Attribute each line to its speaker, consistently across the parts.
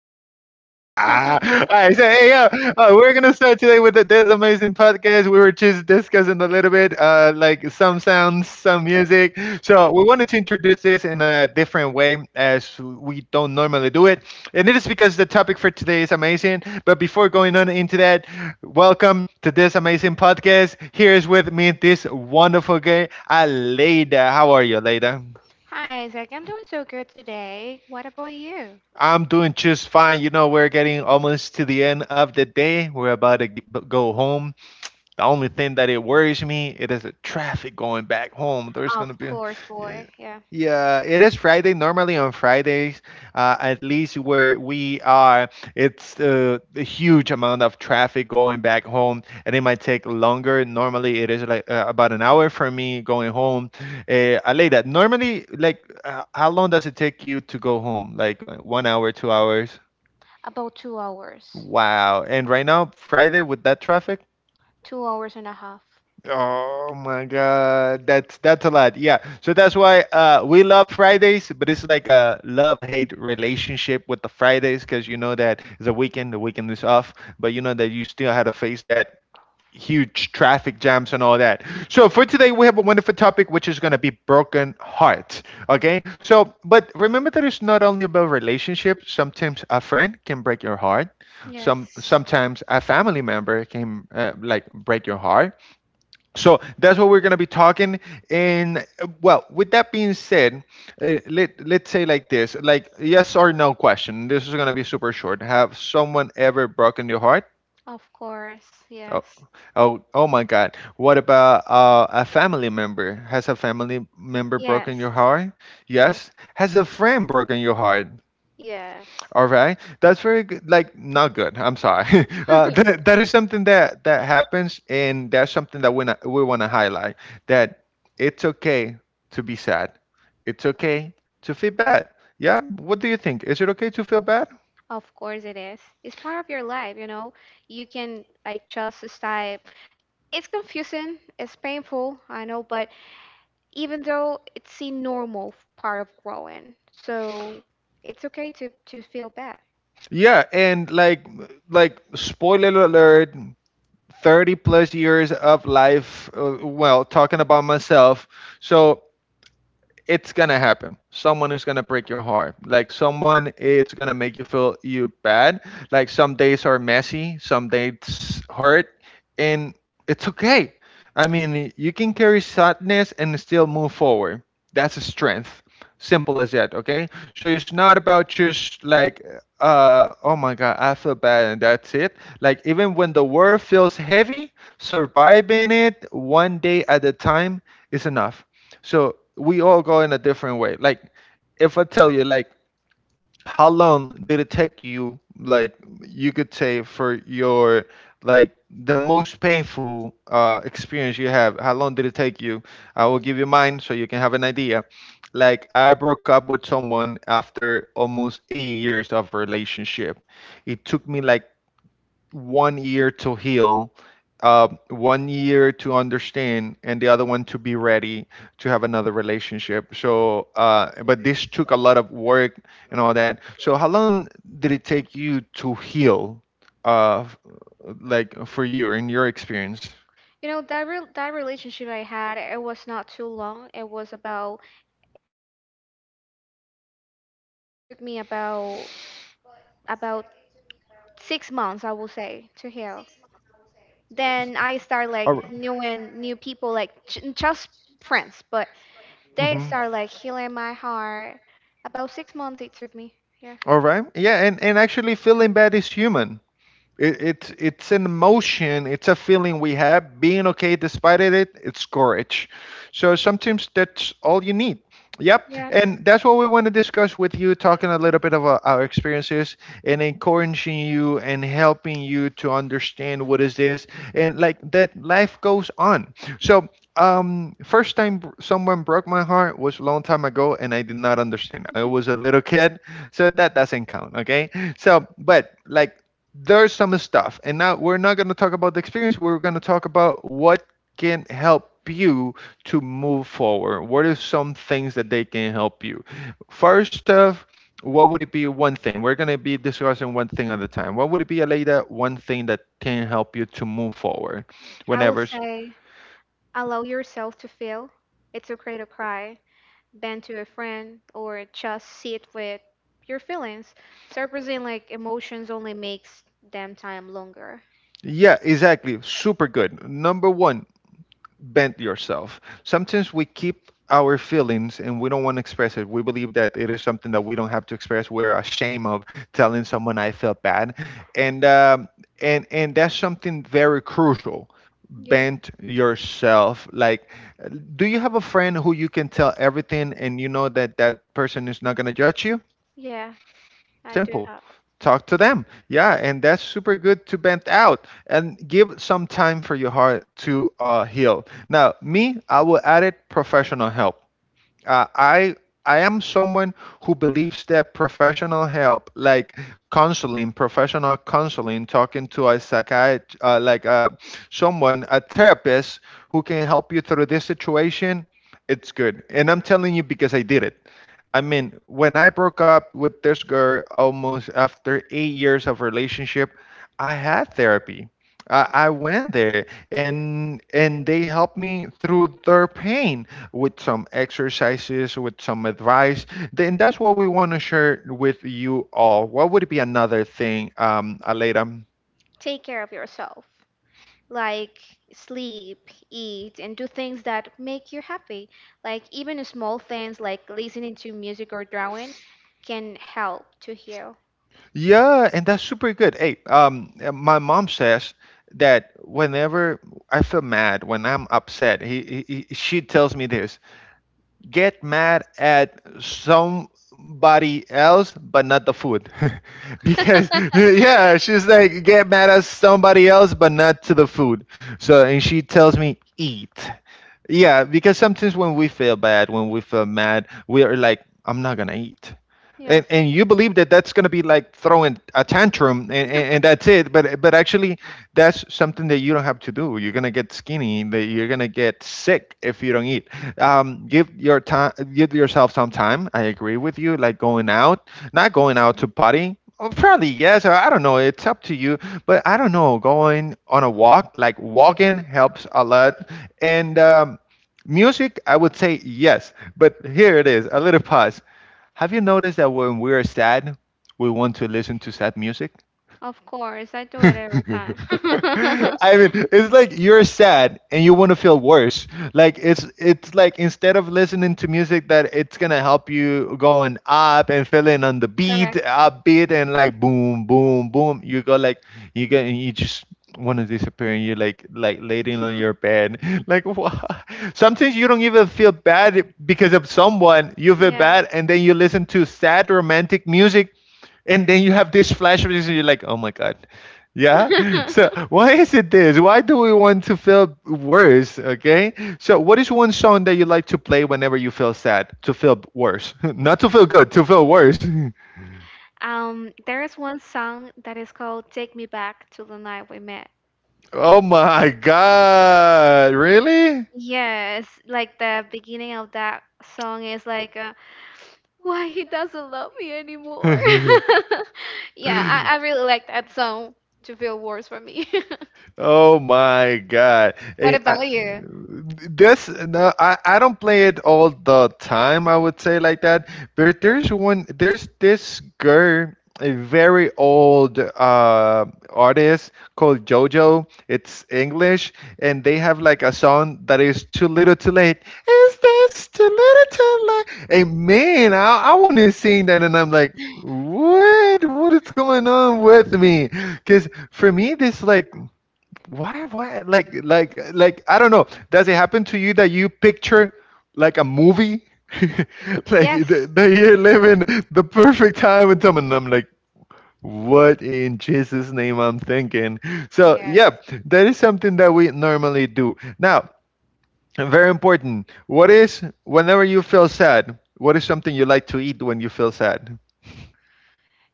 Speaker 1: tonight. Ah! All
Speaker 2: Hi,
Speaker 1: right, so hey, yo, we're gonna start today with this amazing podcast. We were just discussing a little bit, like some sounds, some music. So we wanted to introduce this in a different way, as we don't normally do it, and it is because the topic for today is amazing. But before going on into that, welcome to this amazing podcast. Here is with me this wonderful guy, Aleida. How are you, Aleida?
Speaker 2: Isaac. I'm doing so good today. What about you?
Speaker 1: I'm doing just fine. You know, we're getting almost to the end of the day. We're about to go home. The only thing that it worries me, it is the traffic going back home. There's gonna
Speaker 2: Of
Speaker 1: be,
Speaker 2: course,
Speaker 1: yeah.
Speaker 2: boy. Yeah.
Speaker 1: Yeah, it is Friday. Normally on Fridays, at least where we are, it's a huge amount of traffic going back home, and it might take longer. Normally, it is like about an hour for me going home. I lay that. Normally, like, how long does it take you to go home? Like 1 hour, 2 hours?
Speaker 2: About 2 hours.
Speaker 1: Wow. And right now, Friday with that traffic?
Speaker 2: 2 hours and a half.
Speaker 1: Oh my God, that's a lot. Yeah, so that's why we love Fridays, but it's like a love-hate relationship with the Fridays because you know that it's a weekend, the weekend is off, but you know that you still had to face that huge traffic jams and all that. So for today, we have a wonderful topic which is gonna be broken heart. Okay, so but remember that it's not only about relationships. Sometimes a friend can break your heart. Some
Speaker 2: Yes.
Speaker 1: sometimes a family member can like break your heart, so that's what we're going to be talking. And well, with that being said, let's say like this, like yes or no question. This is going to be super short. Have someone ever broken your heart?
Speaker 2: Of course.
Speaker 1: Oh,
Speaker 2: Yes.
Speaker 1: oh, oh my God! What about a family member? Has a family member
Speaker 2: Yes.
Speaker 1: broken your heart?
Speaker 2: Yes.
Speaker 1: Yes. Has a friend broken your heart?
Speaker 2: Yes.
Speaker 1: All right, that's very good. Like not good. I'm sorry. That is something that happens, and that's something that we we want to highlight. That it's okay to be sad. It's okay to feel bad. Yeah. What do you think? Is it okay to feel bad?
Speaker 2: Of course it is. It's part of your life, you know. You can like just type. It's confusing. It's painful. I know, but even though it's a normal part of growing. So it's okay to feel bad.
Speaker 1: Yeah, and like spoiler alert, 30 plus years of life well, talking about myself. So it's gonna happen. Someone is gonna break your heart. Like someone, it's gonna make you feel you bad. Like some days are messy, some days hurt, and it's okay. I mean, you can carry sadness and still move forward. That's a strength. Simple as that. Okay. So it's not about just like, oh my God, I feel bad and that's it. Like even when the world feels heavy, surviving it one day at a time is enough. So we all go in a different way. Like if I tell you like how long did it take you, like you could say for your like the most painful experience you have, how long did it take you? I will give you mine so you can have an idea. Like I broke up with someone after almost 8 years of relationship. It took me like one year to heal, one year to understand, and the other one to be ready to have another relationship. So, but this took a lot of work and all that. So, how long did it take you to heal, uh, f- like for you in your experience?
Speaker 2: You know that that relationship I had, it was not too long. It was about 8 months, but still, it took me about 6 months, I will say, to heal.
Speaker 1: Or,
Speaker 2: Then I start like knowing new people, like just friends, but
Speaker 1: mhm.
Speaker 2: they start like healing my heart. About 6 months it took me. Yeah.
Speaker 1: All right. Yeah, and actually feeling bad is human. It's an emotion. It's a feeling we have. Being okay despite it, it's courage. So sometimes that's all you need. Yep,
Speaker 2: Yes,
Speaker 1: and that's what we want to discuss with you, talking a little bit about our experiences and encouraging you and helping you to understand what is this and like that life goes on. So, first time someone broke my heart was a long time ago, and I did not understand. I was a little kid, so that doesn't count, okay? So, but like there's some stuff, and now we're not going to talk about the experience. We're going to talk about what can help you to move forward. What are some things that they can help you first off? What would it be? One thing we're going to be discussing, one thing at a time. What would it be, Aleida? One thing that can help you to move forward
Speaker 2: I will
Speaker 1: whenever.
Speaker 2: say. Allow yourself to feel. It's okay to cry, bend to a friend, or just sit with your feelings. Surprising like emotions only makes them time longer.
Speaker 1: Yeah, exactly. Super good. Number one, bend yourself. Sometimes we keep our feelings and we don't want to express it. We believe that it is something that we don't have to express. We're ashamed of telling someone I felt bad, and and that's something very crucial.
Speaker 2: You're,
Speaker 1: Bend yourself. Like, do you have a friend who you can tell everything and you know that that person is not gonna judge you?
Speaker 2: yes, I do
Speaker 1: Simple.
Speaker 2: have.
Speaker 1: Talk to them. Yeah, and that's super good to vent out and give some time for your heart to heal. Now, me, I will add it professional help. uh, I I am someone who believes that professional help, like counseling, professional counseling, talking to a psychiatrist, like someone, a therapist who can help you through this situation, it's good. And I'm telling you because I did it. I mean, when I broke up with this girl almost after 8 years of relationship, I had therapy. I went there and they helped me through their pain with some exercises, with some advice. Then that's what we want to share with you all. What would be another thing, Aleda?
Speaker 2: Take care of yourself. Like sleep, eat, and do things that make you happy. Like even small things like listening to music or drawing can help to heal.
Speaker 1: Yeah, and that's super good. Hey, my mom says that whenever I feel mad, when I'm upset, he she tells me this: get mad at somebody else but not the food because yeah, she's like get mad at somebody else but not to the food. So, and she tells me eat. Yeah, because sometimes when we feel bad, when we feel mad, we are like I'm not gonna eat,
Speaker 2: Yes,
Speaker 1: and you believe that that's going to be like throwing a tantrum, and that's it, but actually that's something that you don't have to do. You're going to get skinny, that you're going to get sick if you don't eat. Give your time, give yourself some time. I agree with you, like going out, not going out to party. Oh, probably yes, or I don't know, it's up to you, but I don't know, going on a walk, like walking helps a lot. And music, I would say yes, but here it is a little pause. Have you noticed that when we are sad, we want to listen to sad music?
Speaker 2: of course, I do it every time.
Speaker 1: I mean, it's like you're sad and you want to feel worse. Like it's like instead of listening to music that it's gonna help you going up and feeling on the beat,
Speaker 2: Correct.
Speaker 1: upbeat and like boom, boom, boom. You go like you get and you just want to disappear and you're like laying on your bed. Like what? Sometimes you don't even feel bad because of someone. You feel
Speaker 2: Yeah.
Speaker 1: bad and then you listen to sad romantic music and then you have this flashback and you're like oh my god. Yeah, so why is it this? Why do we want to feel worse? Okay, so what is one song that you like to play whenever you feel sad, to feel worse? Not to feel good, to feel worse.
Speaker 2: There is one song that is called Take Me Back to the Night We Met.
Speaker 1: Oh my god, really?
Speaker 2: Yes, like the beginning of that song is like, why he doesn't love me anymore. Yeah, I really like that song to feel worse for me.
Speaker 1: Oh my God.
Speaker 2: What
Speaker 1: I,
Speaker 2: about you?
Speaker 1: this, no, I don't play it all the time, I would say like that. But there's one, there's this girl, a very old artist called JoJo. It's English and they have like a song that is Too Little Too Late. Is this Too Little Too Late? And man, I wanna sing that and I'm like, what is going on with me? Because for me, this like why like I don't know. Does it happen to you that you picture like a movie like
Speaker 2: Yes.
Speaker 1: that you're living the perfect time with someone and I'm like what in Jesus name I'm thinking? So
Speaker 2: Yeah.
Speaker 1: yeah, that is something that we normally do. Now, very important, what is, whenever you feel sad, what is something you like to eat when you feel sad?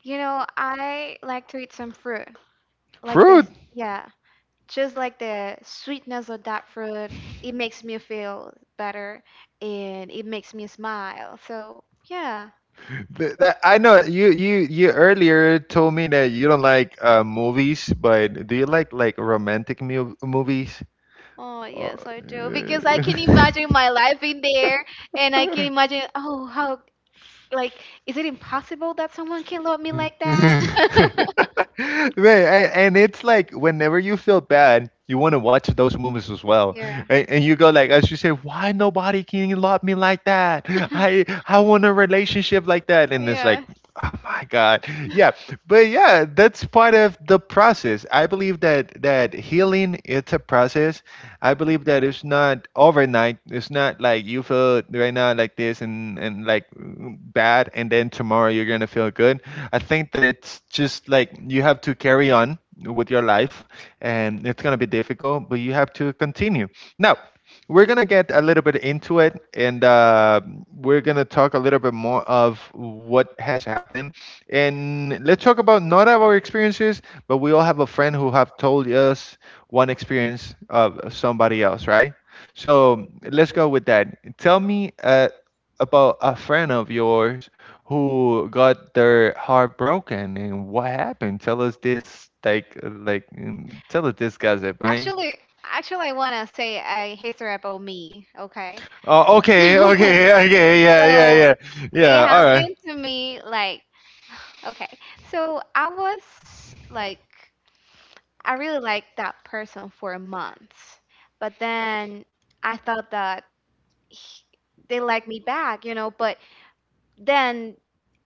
Speaker 2: You know, I like to eat some fruit. Like
Speaker 1: Fruit.
Speaker 2: this. Yeah. Just like the sweetness of that fruit, it makes me feel better and it makes me smile. So, yeah.
Speaker 1: But that, I know you you you earlier told me that you don't like movies, but do you like romantic movies?
Speaker 2: Oh,
Speaker 1: Uh,
Speaker 2: yes, I do. Because I can imagine my life in there and I can imagine, oh, how, like, is it impossible that someone can love me like that?
Speaker 1: Man, and it's like whenever you feel bad, you want to watch those movies as well,
Speaker 2: Yeah.
Speaker 1: and you go like, as you say, why nobody can love me like that? I want a relationship like that, and it's like
Speaker 2: Yeah.
Speaker 1: Oh my God. Yeah. But yeah, that's part of the process. I believe that healing it's a process. I believe that it's not overnight. It's not like you feel right now like this and like bad and then tomorrow you're going to feel good. I think that it's just like you have to carry on with your life and it's going to be difficult, but you have to continue. Now, we're gonna get a little bit into it, and we're gonna talk a little bit more of what has happened, and let's talk about not our experiences, but we all have a friend who have told us one experience of somebody else, right? So let's go with that. Tell me about a friend of yours who got their heart broken and what happened. Tell us this, like, tell us this gossip, right?
Speaker 2: Actually, actually, I wanna say a history about me. Okay.
Speaker 1: Oh, okay, okay, okay, yeah, yeah,
Speaker 2: So
Speaker 1: yeah,
Speaker 2: it
Speaker 1: yeah. All right.
Speaker 2: happened to me like okay. So I was like I really liked that person for months, but then I thought that he, they liked me back, you know. But then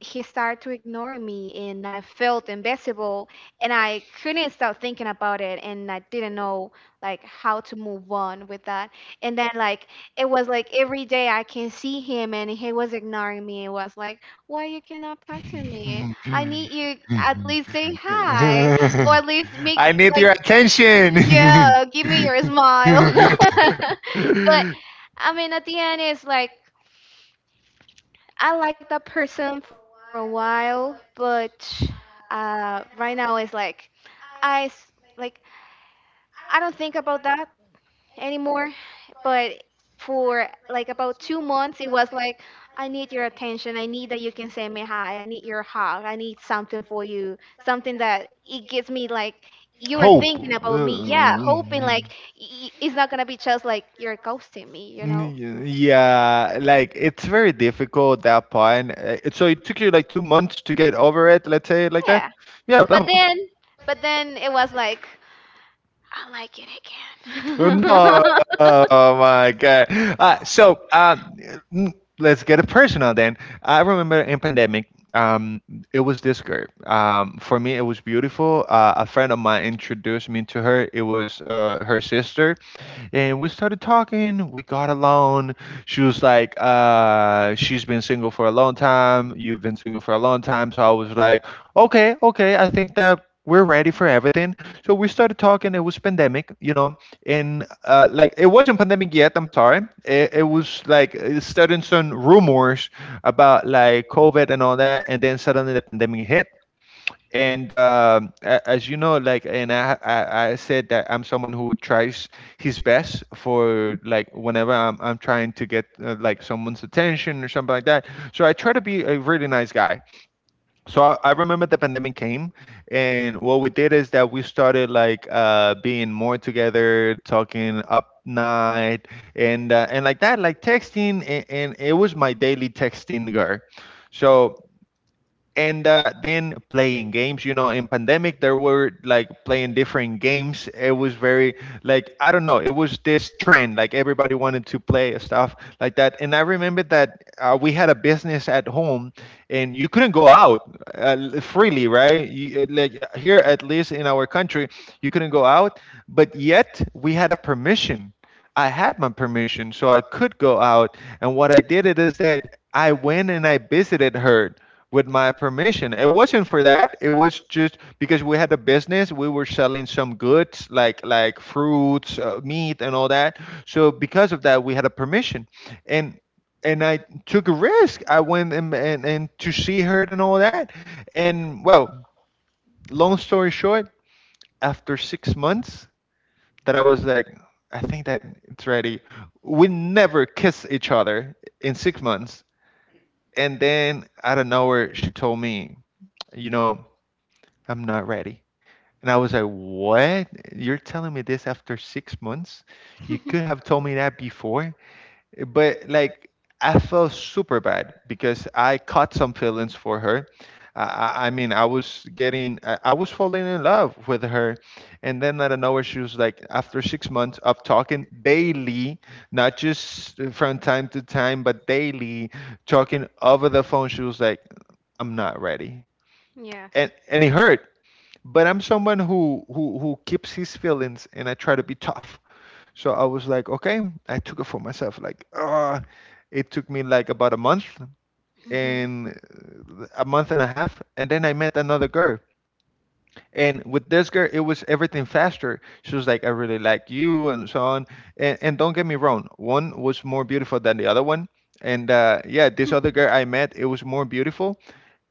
Speaker 2: he started to ignore me and I felt invisible and I couldn't stop thinking about it and I didn't know like how to move on with that. And then like it was like every day I can see him and he was ignoring me. It was like, why you cannot talk to me? I need you at least say hi or at least make
Speaker 1: I need
Speaker 2: like,
Speaker 1: your attention.
Speaker 2: yeah, give me your smile. But I mean at the end it's like I like that person for a while, but right now it's like I s- like I don't think about that anymore. But for like about 2 months, it was like I need your attention. I need that you can say me hi. I need your hug. I need something for you. Something that it gives me like you are
Speaker 1: Hope.
Speaker 2: thinking about me. Yeah, hoping like y- it's not gonna be just like you're ghosting me. You know?
Speaker 1: Yeah, like it's very difficult that part. So it took you like 2 months to get over it, let's say it like that.
Speaker 2: Yeah.
Speaker 1: Yeah, but
Speaker 2: But
Speaker 1: okay.
Speaker 2: then, but then it was like. I like it. Right.
Speaker 1: No,
Speaker 2: Again.
Speaker 1: oh my God. Uh, so uh, mm, let's get it personal then. I remember in pandemic, it was this girl. For me, it was beautiful. A friend of mine introduced me to her. It was her sister and we started talking. We got along. She was like, she's been single for a long time. You've been single for a long time. So I was like, okay, okay, I think that we're ready for everything. So we started talking. It was pandemic, you know, and like it wasn't pandemic yet. I'm sorry. It was like starting some rumors about like COVID and all that, and then suddenly the pandemic hit and as you know, like, and I said that I'm someone who tries his best for like whenever I'm trying to get like someone's attention or something like that, so I try to be a really nice guy. So I remember the pandemic came and what we did is that we started like being more together, talking up night and like that, like texting, and it was my daily texting girl. So and then playing games, you know, in pandemic there were like playing different games. It was very like I don't know, it was this trend, like everybody wanted to play stuff like that. And I remember that we had a business at home and you couldn't go out freely, right? you, like Here at least in our country you couldn't go out, but yet we had a permission. I had my permission, so I could go out. And what I did it is that I went and I visited her with my permission. It wasn't for that. It was just because we had a business. We were selling some goods like fruits, meat, and all that. So because of that, we had a permission, and I took a risk. I went and to see her and all that. And well, long story short, after 6 months, that I was like, I think that it's ready. We never kiss each other in 6 months. And then out of nowhere, she told me, you know, I'm not ready. And I was like, what? You're telling me this after 6 months? You could have told me that before. But like, I felt super bad because I caught some feelings for her. I mean, I was getting, I was falling in love with her. And then out of nowhere, she was like, after 6 months of talking daily, not just from time to time, but daily, talking over the phone, she was like, I'm not ready,
Speaker 2: Yes.
Speaker 1: and it hurt,
Speaker 2: Yes.
Speaker 1: but I'm someone who who keeps his feelings and I try to be tough. So I was like, okay, I took it for myself. Like, it took me like about a month
Speaker 2: Mhm.
Speaker 1: and a month and a half, and then I met another girl. And with this girl, it was everything faster. She was like, I really like you, and so on. And, don't get me wrong, one was more beautiful than the other one. And yeah, this other girl I met, it was more beautiful.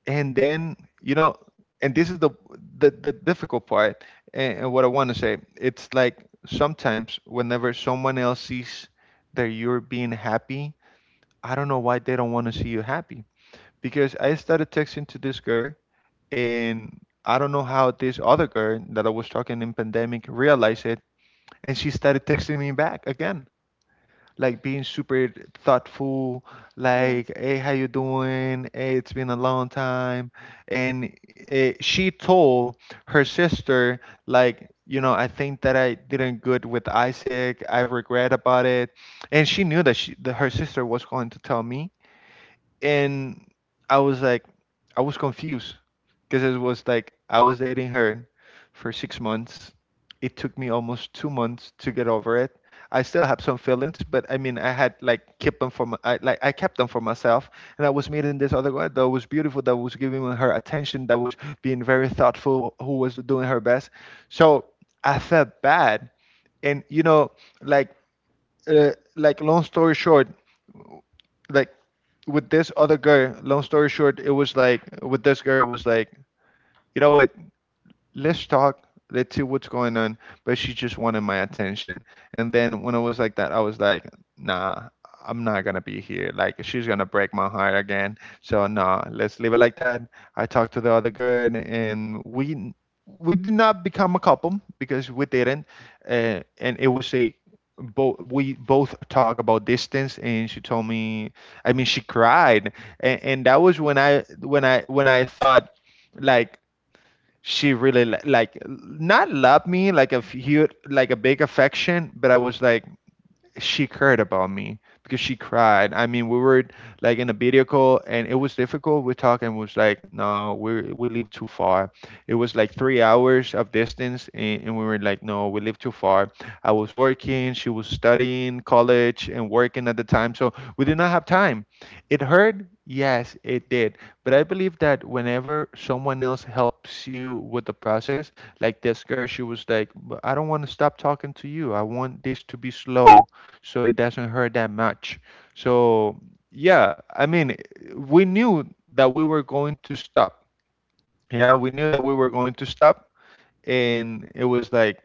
Speaker 1: And then, you know, and this is the the difficult part, and, what I want to say it's like sometimes whenever someone else sees that you're being happy, I don't know why they don't want to see you happy. Because I started texting to this girl and I don't know how this other girl that I was talking in pandemic realized it, and she started texting me back again, like being super thoughtful,
Speaker 2: Yes.
Speaker 1: like, hey, how you doing? Hey, it's been a long time. And she told her sister, like, you know, I think that I didn't good with Isaac. I regret about it. And she knew that her sister was going to tell me, and I was like, I was confused because it was like I was dating her for 6 months. It took me almost 2 months to get over it. I still have some feelings, but I mean, I had like kept them for like I kept them for myself. And I was meeting this other guy that was beautiful, that was giving her attention, that was being very thoughtful, who was doing her best. So I felt bad, and you know, like long story short, like with this other girl, long story short, it was like with this girl was like, you know what, let's talk, let's see what's going on. But she just wanted my attention, and then when it was like that, I was like, nah, I'm not gonna be here, like, she's gonna break my heart again, so nah, let's leave it like that. I talked to the other girl and we did not become a couple because we didn't and it was a both, we both talk about distance, and she told me, I mean, she cried, and that was when I thought like she really like not loved me like a huge, like a big affection, but I was like, she cared about me, because she cried. I mean, we were like in a video call and it was difficult. We talk and was like, no, we live too far. It was like 3 hours of distance, and we were like, no, we live too far. I was working, she was studying college and working at the time, so we did not have time. It hurt, yes, it did, but I believe that whenever someone else helps you with the process, like this girl, she was like, "But I don't want to stop talking to you. I want this to be slow so it doesn't hurt that much." So yeah, I mean, we knew that we were going to stop. Yeah, we knew that we were going to stop, and it was like,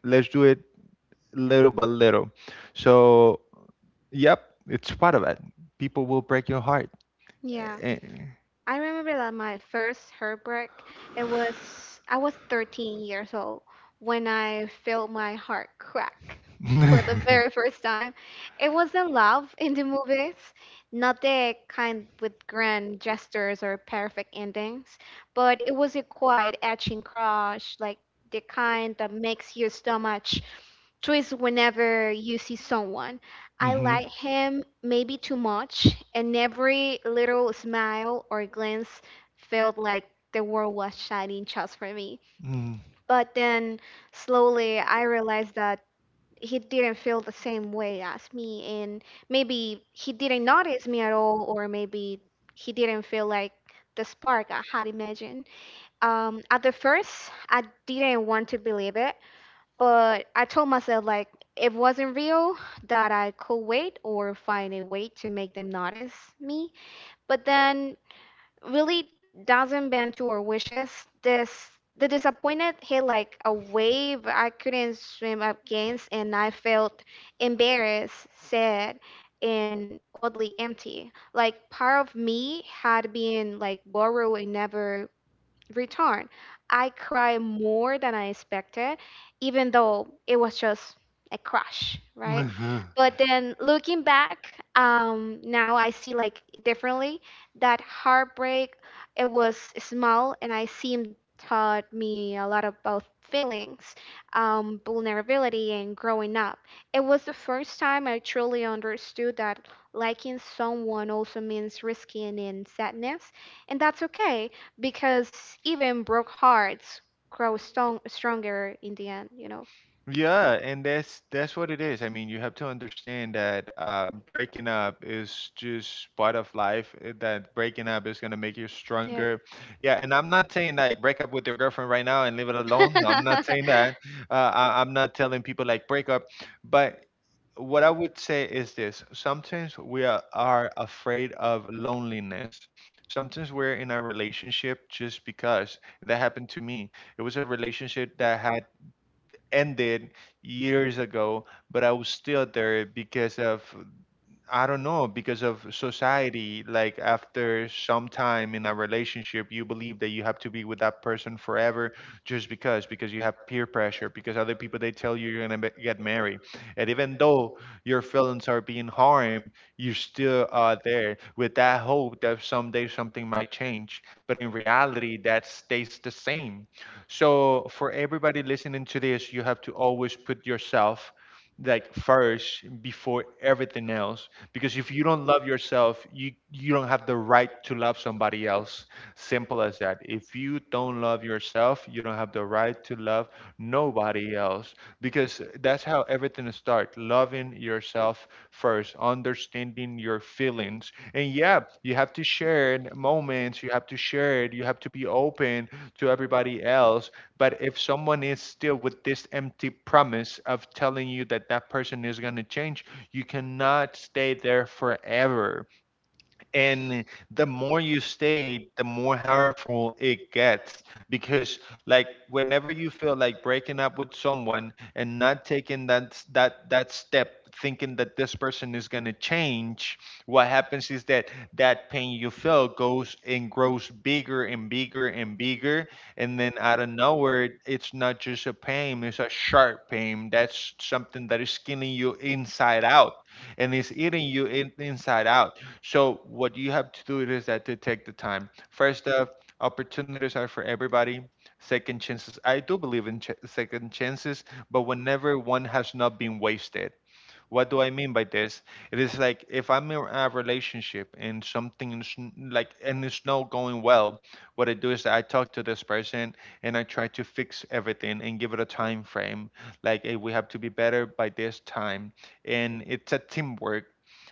Speaker 1: let's do it little by little. So yep, it's part of it. People will break your heart.
Speaker 2: Yeah.
Speaker 1: Eh,
Speaker 2: I remember that my first heartbreak, it was I was 13 years old when I felt my heart crack for the very first time. It wasn't love in the movies, not the kind with grand gestures or perfect endings, but it was a quiet etching crush, like the kind that makes your stomach twist whenever you see someone. I
Speaker 1: Mhm.
Speaker 2: like him maybe too much, and every little smile or glance felt like the world was shining just for me. But then slowly I realized that he didn't feel the same way as me, and maybe he didn't notice me at all, or maybe he didn't feel like the spark I had imagined. At the first, I didn't want to believe it, but I told myself like it wasn't real, that I could wait or find a way to make them notice me. But then really doesn't bend to our wishes. This the disappointment hit like a wave I couldn't swim against, and I felt embarrassed, sad and oddly empty. Like part of me had been like borrowed and never return. I cry more than I expected, even though it was just a crush, right?
Speaker 1: Mm.
Speaker 2: But then looking back, now I see like it differently. That heartbreak, it was small, and I seemed taught me a lot about feelings, vulnerability, and growing up. It was the first time I truly understood that liking someone also means risking and sadness, and that's okay because even broke hearts grow stronger in the end, you know.
Speaker 1: Yeah, and that's what it is. I mean, you have to understand that breaking up is just part of life. That breaking up is gonna make you
Speaker 2: Yeah.
Speaker 1: stronger. Yeah, and I'm not saying like break up with your girlfriend right now and leave it alone. No, I'm not saying that. I'm not telling people like break up, but what I would say is this: sometimes we are afraid of loneliness. Sometimes we're in a relationship just because, that happened to me. It was a relationship that had ended years ago, but I was still there because of I don't know, because of society, like after some time in a relationship, you believe that you have to be with that person forever just because you have peer pressure, because other people they tell you you're gonna get married. And even though your feelings are being harmed, you still are there with that hope that someday something might change. But in reality, that stays the same. So for everybody listening to this, you have to always put yourself like first before everything else, because if you don't love yourself, you don't have the right to love somebody else. Simple as that. If you don't love yourself, you don't have the right to love nobody else, because that's how everything starts: loving yourself first, understanding your feelings. And yeah, you have to share in moments, you have to share it, you have to be open to everybody else. But if someone is still with this empty promise of telling you that that person is going to change, you cannot stay there forever, and the more you stay, the more harmful it gets, because like whenever you feel like breaking up with someone and not taking that step, thinking that this person is going to change, what happens is that that pain you feel goes and grows bigger and bigger and bigger. And then, out of nowhere, it's not just a pain, it's a sharp pain, that's something that is skinning you inside out, and it's eating you inside out. So what you have to do is that to take the time. First off, opportunities are for everybody. Second chances, I do believe in second chances, but whenever one has not been wasted. What do I mean by this? It is like, if I'm in a relationship and something is like, and it's not going well, what I do is I talk to this person and I try to fix everything and give it a time frame. Like, hey, we have to be better by this time, and it's a teamwork.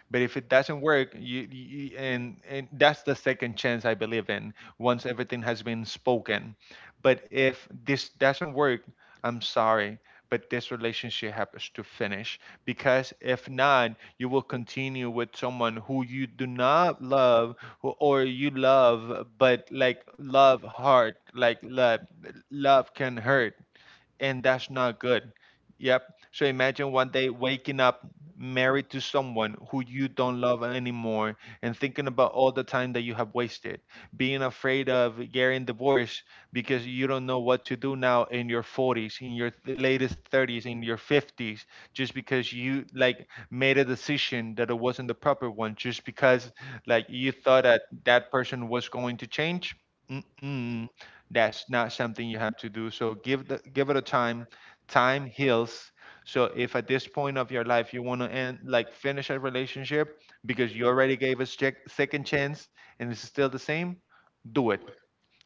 Speaker 1: But if it doesn't work, you and that's the second chance I believe in. Once everything has been spoken. But if this doesn't work, I'm sorry, but this relationship happens to finish, because if not, you will continue with someone who you do not love, or you love, but like love hard, like love can hurt, and that's not good. Yep. So imagine one day waking up married to someone who you don't love anymore, and thinking about all the time that you have wasted, being afraid of getting divorced because you don't know what to do now in your 40s, in your latest 30s, in your 50s, just because you like made a decision that it wasn't the proper one, just because like you thought that that person was going to change. Mm-mm, that's not something you have to do. So give it a time. Time heals. So if at this point of your life you want to end, like finish a relationship because you already gave a second chance and it's still the same, do it.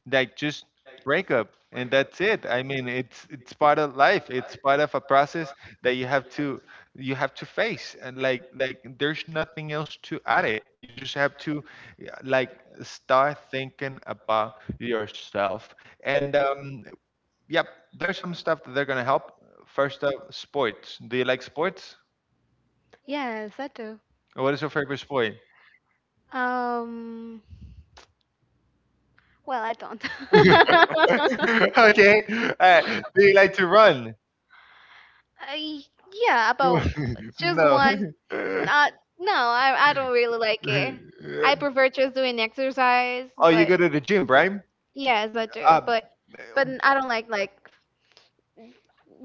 Speaker 1: Like, just break up and that's it. I mean, it's part of life, it's part of a process that you have to face and like there's nothing else to add it. You just have to, yeah, like start thinking about yourself. And yep, there's some stuff that they're gonna help. First up, sports. Do you like sports?
Speaker 2: Yes, I do.
Speaker 1: What is your favorite sport?
Speaker 2: Um, well, I don't.
Speaker 1: Okay. uh, do you like to run?
Speaker 2: I, yeah, about just
Speaker 1: No.
Speaker 2: one. Not, no, I don't really like it. I prefer just doing exercise,
Speaker 1: Oh, you
Speaker 2: but
Speaker 1: go to the gym, right?
Speaker 2: yes, I do.
Speaker 1: Uh,
Speaker 2: But I don't like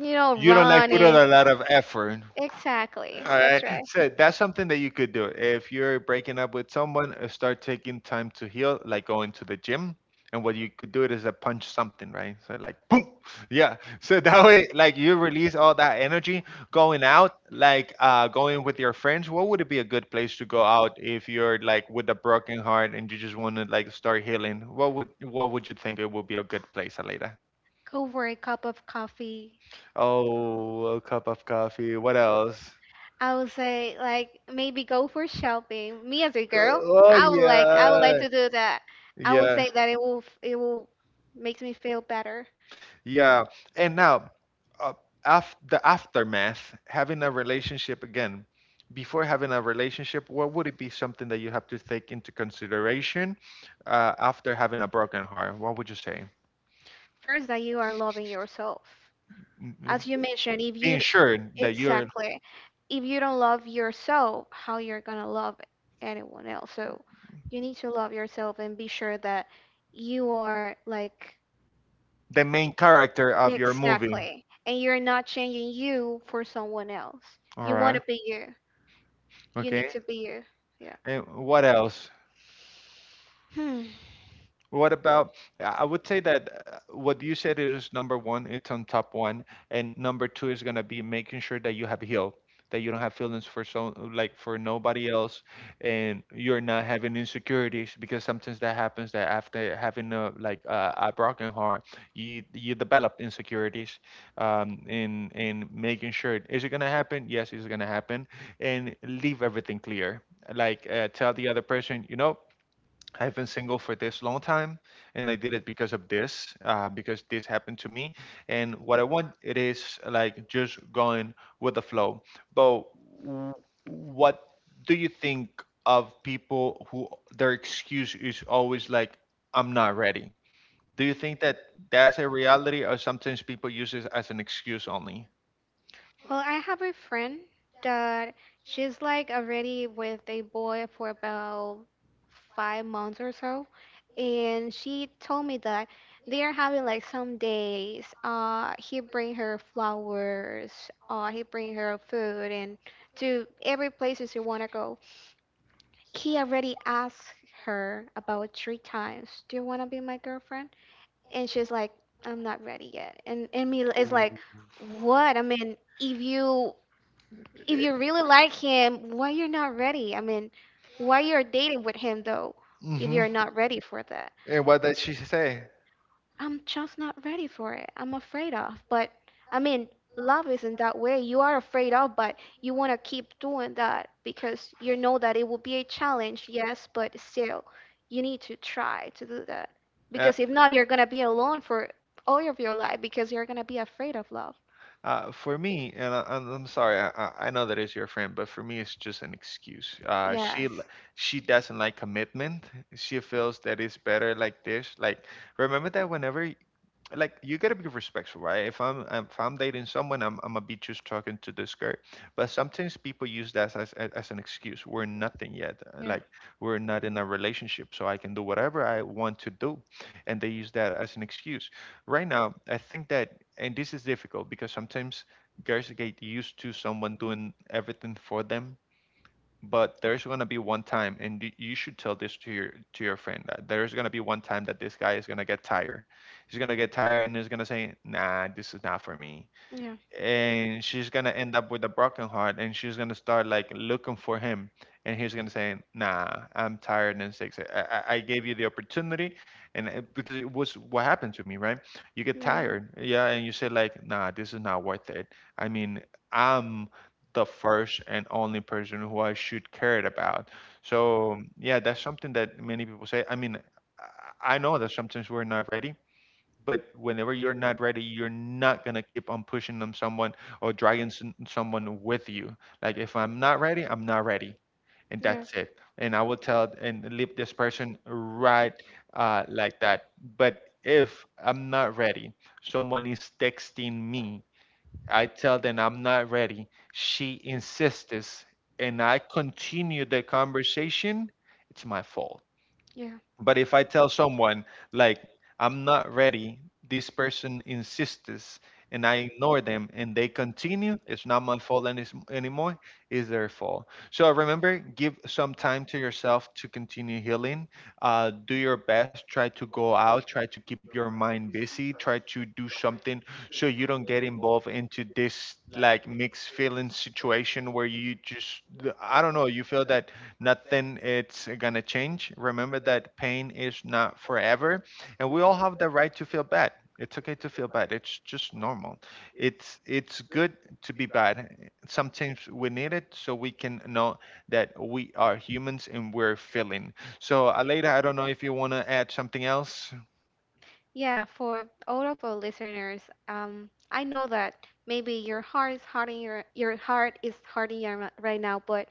Speaker 2: you know
Speaker 1: you don't like put out
Speaker 2: running.
Speaker 1: a lot of effort.
Speaker 2: Exactly.
Speaker 1: All right.
Speaker 2: That's right.
Speaker 1: So that's something that you could do. If you're breaking up with someone, start taking time to heal, like going to the gym. And what you could do it is a punch something, right? So like, boom. Yeah. So that way, like, you release all that energy going out, like going with your friends. What would it be a good place to go out if you're like with a broken heart and you just want to like start healing? What would you think it would be a good place, Aleda?
Speaker 2: Go for a cup of coffee.
Speaker 1: Oh, a cup of coffee. What else?
Speaker 2: I would say like maybe go for shopping. Me as a girl,
Speaker 1: Oh
Speaker 2: I would
Speaker 1: yeah.
Speaker 2: like to do that. I would
Speaker 1: Yeah,
Speaker 2: say that it will it will makes me feel better.
Speaker 1: yeah. And now, uh, af the aftermath, having a relationship again, before having a relationship, what would it be something that you have to take into consideration after having a broken heart? What would you say?
Speaker 2: First that you are loving yourself.
Speaker 1: Mm, mm.
Speaker 2: As you mentioned, if you
Speaker 1: Being sure that you're
Speaker 2: exactly, if you don't love yourself, how you're gonna love anyone else? So you need to love yourself and be sure that you are like
Speaker 1: the main character of your movie.
Speaker 2: exactly, and you're not changing you for someone else.
Speaker 1: All
Speaker 2: You want
Speaker 1: right.
Speaker 2: to be you. You need
Speaker 1: Okay.
Speaker 2: to be you. Yeah.
Speaker 1: And what else?
Speaker 2: Hmm.
Speaker 1: What about, yeah, I would say that what you said is number one, it's on top one, and number two is gonna be making sure that you have healed, that you don't have feelings for, so like, for nobody else, and you're not having insecurities, because sometimes that happens, that after having a broken heart, you develop insecurities. In making sure, is it gonna happen? Yes, it's gonna happen, and leave everything clear. Like, tell the other person. I've been single for this long time, and I did it because of this, because this happened to me. And what I want it is like just going with the flow. But w- what do you think of people who their excuse is always like, "I'm not ready"? Do you think that that's a reality, or sometimes people use it as an excuse only?
Speaker 2: Well, I have a friend that she's like already with a boy for about 5 months or so, and she told me that they are having like some days. He bring her flowers. He bring her food and to every places you wanna go. He already asked her about 3 times, "Do you wanna be my girlfriend?" And she's like, "I'm not ready yet." And me is like, "What? I mean, if you." If you really like him, why you're not ready? I mean, why you're dating with him though, if
Speaker 1: Mm-hmm.
Speaker 2: you're not ready for that?
Speaker 1: And what did she say?
Speaker 2: I'm just not ready for it. I'm afraid of. But I mean, love isn't that way. You are afraid of, but you want to keep doing that because you know that it will be a challenge, yes, but still, you need to try to do that.
Speaker 1: Yeah.
Speaker 2: Because if not, you're going to be alone for all of your life because you're going to be afraid of love.
Speaker 1: For me, and I'm sorry, I know that is your friend, but for me, it's just an excuse. She
Speaker 2: Yes.
Speaker 1: she doesn't like commitment. She feels that it's better like this. Like, remember that whenever, like, you gotta be respectful, right? If I'm dating someone, I'm gonna be just talking to this girl. But sometimes people use that as an excuse. We're nothing yet. Like, we're not in a relationship, so I can do whatever I want to do, and they use that as an excuse. Right now, I think that, and this is difficult because sometimes girls get used to someone doing everything for them, but there's gonna be one time, and you should tell this to your friend that there's gonna be one time that this guy is gonna get tired. He's gonna get tired and he's gonna say, "Nah, this is not for me," and she's gonna end up with a broken heart, and she's gonna start like looking for him, and he's gonna say, "Nah, I'm tired and sick." So, I gave you the opportunity, and it, because it was what happened to me, right? You get
Speaker 2: Yeah.
Speaker 1: tired, yeah, and you say like, "Nah, this is not worth it. I mean, I'm the first and only person who I should care about." So yeah, that's something that many people say. I mean, I know that sometimes we're not ready, but whenever you're not ready, you're not gonna keep on pushing on someone or dragging someone with you. Like, if I'm not ready, I'm not ready, and
Speaker 2: Yeah.
Speaker 1: that's it. And I will tell and leave this person right, like that. But if I'm not ready, someone is texting me, I tell them I'm not ready, she insists, and I continue the conversation, it's my fault.
Speaker 2: Yeah.
Speaker 1: But if I tell someone, like, I'm not ready, this person insists and I ignore them and they continue, it's not my fault anymore, it's their fault. So remember, give some time to yourself to continue healing. Do your best, try to go out, try to keep your mind busy, try to do something so you don't get involved into this like mixed feeling situation where you just, I don't know, you feel that nothing it's gonna change. Remember that pain is not forever, and we all have the right to feel bad. It's okay to feel bad. It's just normal. It's good to be bad. Sometimes we need it so we can know that we are humans and we're feeling. So, Aleida, I don't know if you want to add something else.
Speaker 2: Yeah, for all of our listeners, I know that maybe your heart is hurting your, right now, but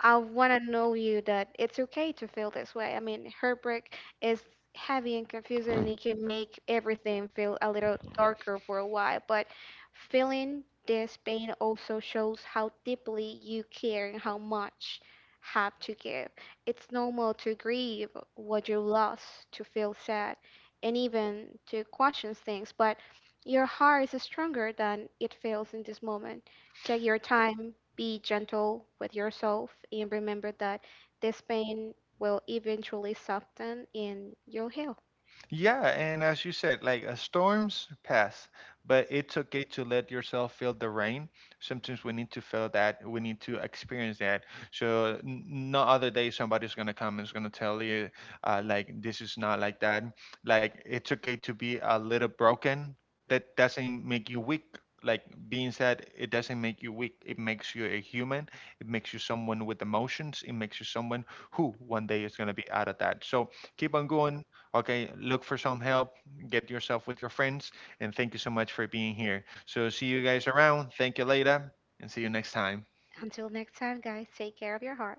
Speaker 2: I want to know you that it's okay to feel this way. I mean, heartbreak is heavy and confusing, and it can make everything feel a little darker for a while. But feeling this pain also shows how deeply you care and how much have to give. It's normal to grieve what you lost, to feel sad, and even to question things, but your heart is stronger than it feels in this moment. Take your time, be gentle with yourself, and remember that this pain will eventually soften and you'll heal.
Speaker 1: Yeah, and as you said, like, storms pass, but it's okay to let yourself feel the rain. Sometimes we need to feel that, we need to experience that. So, no other day somebody's gonna come and is gonna tell you, like, this is not like that. Like, it's okay to be a little broken. That doesn't make you weak. Like being said, it doesn't make you weak. It makes you a human. It makes you someone with emotions. It makes you someone who one day is gonna be out of that. So keep on going. Okay, look for some help, get yourself with your friends, and thank you so much for being here. So, see you guys around. Thank you later, and see you next time.
Speaker 2: Until next time, guys, take care of your heart.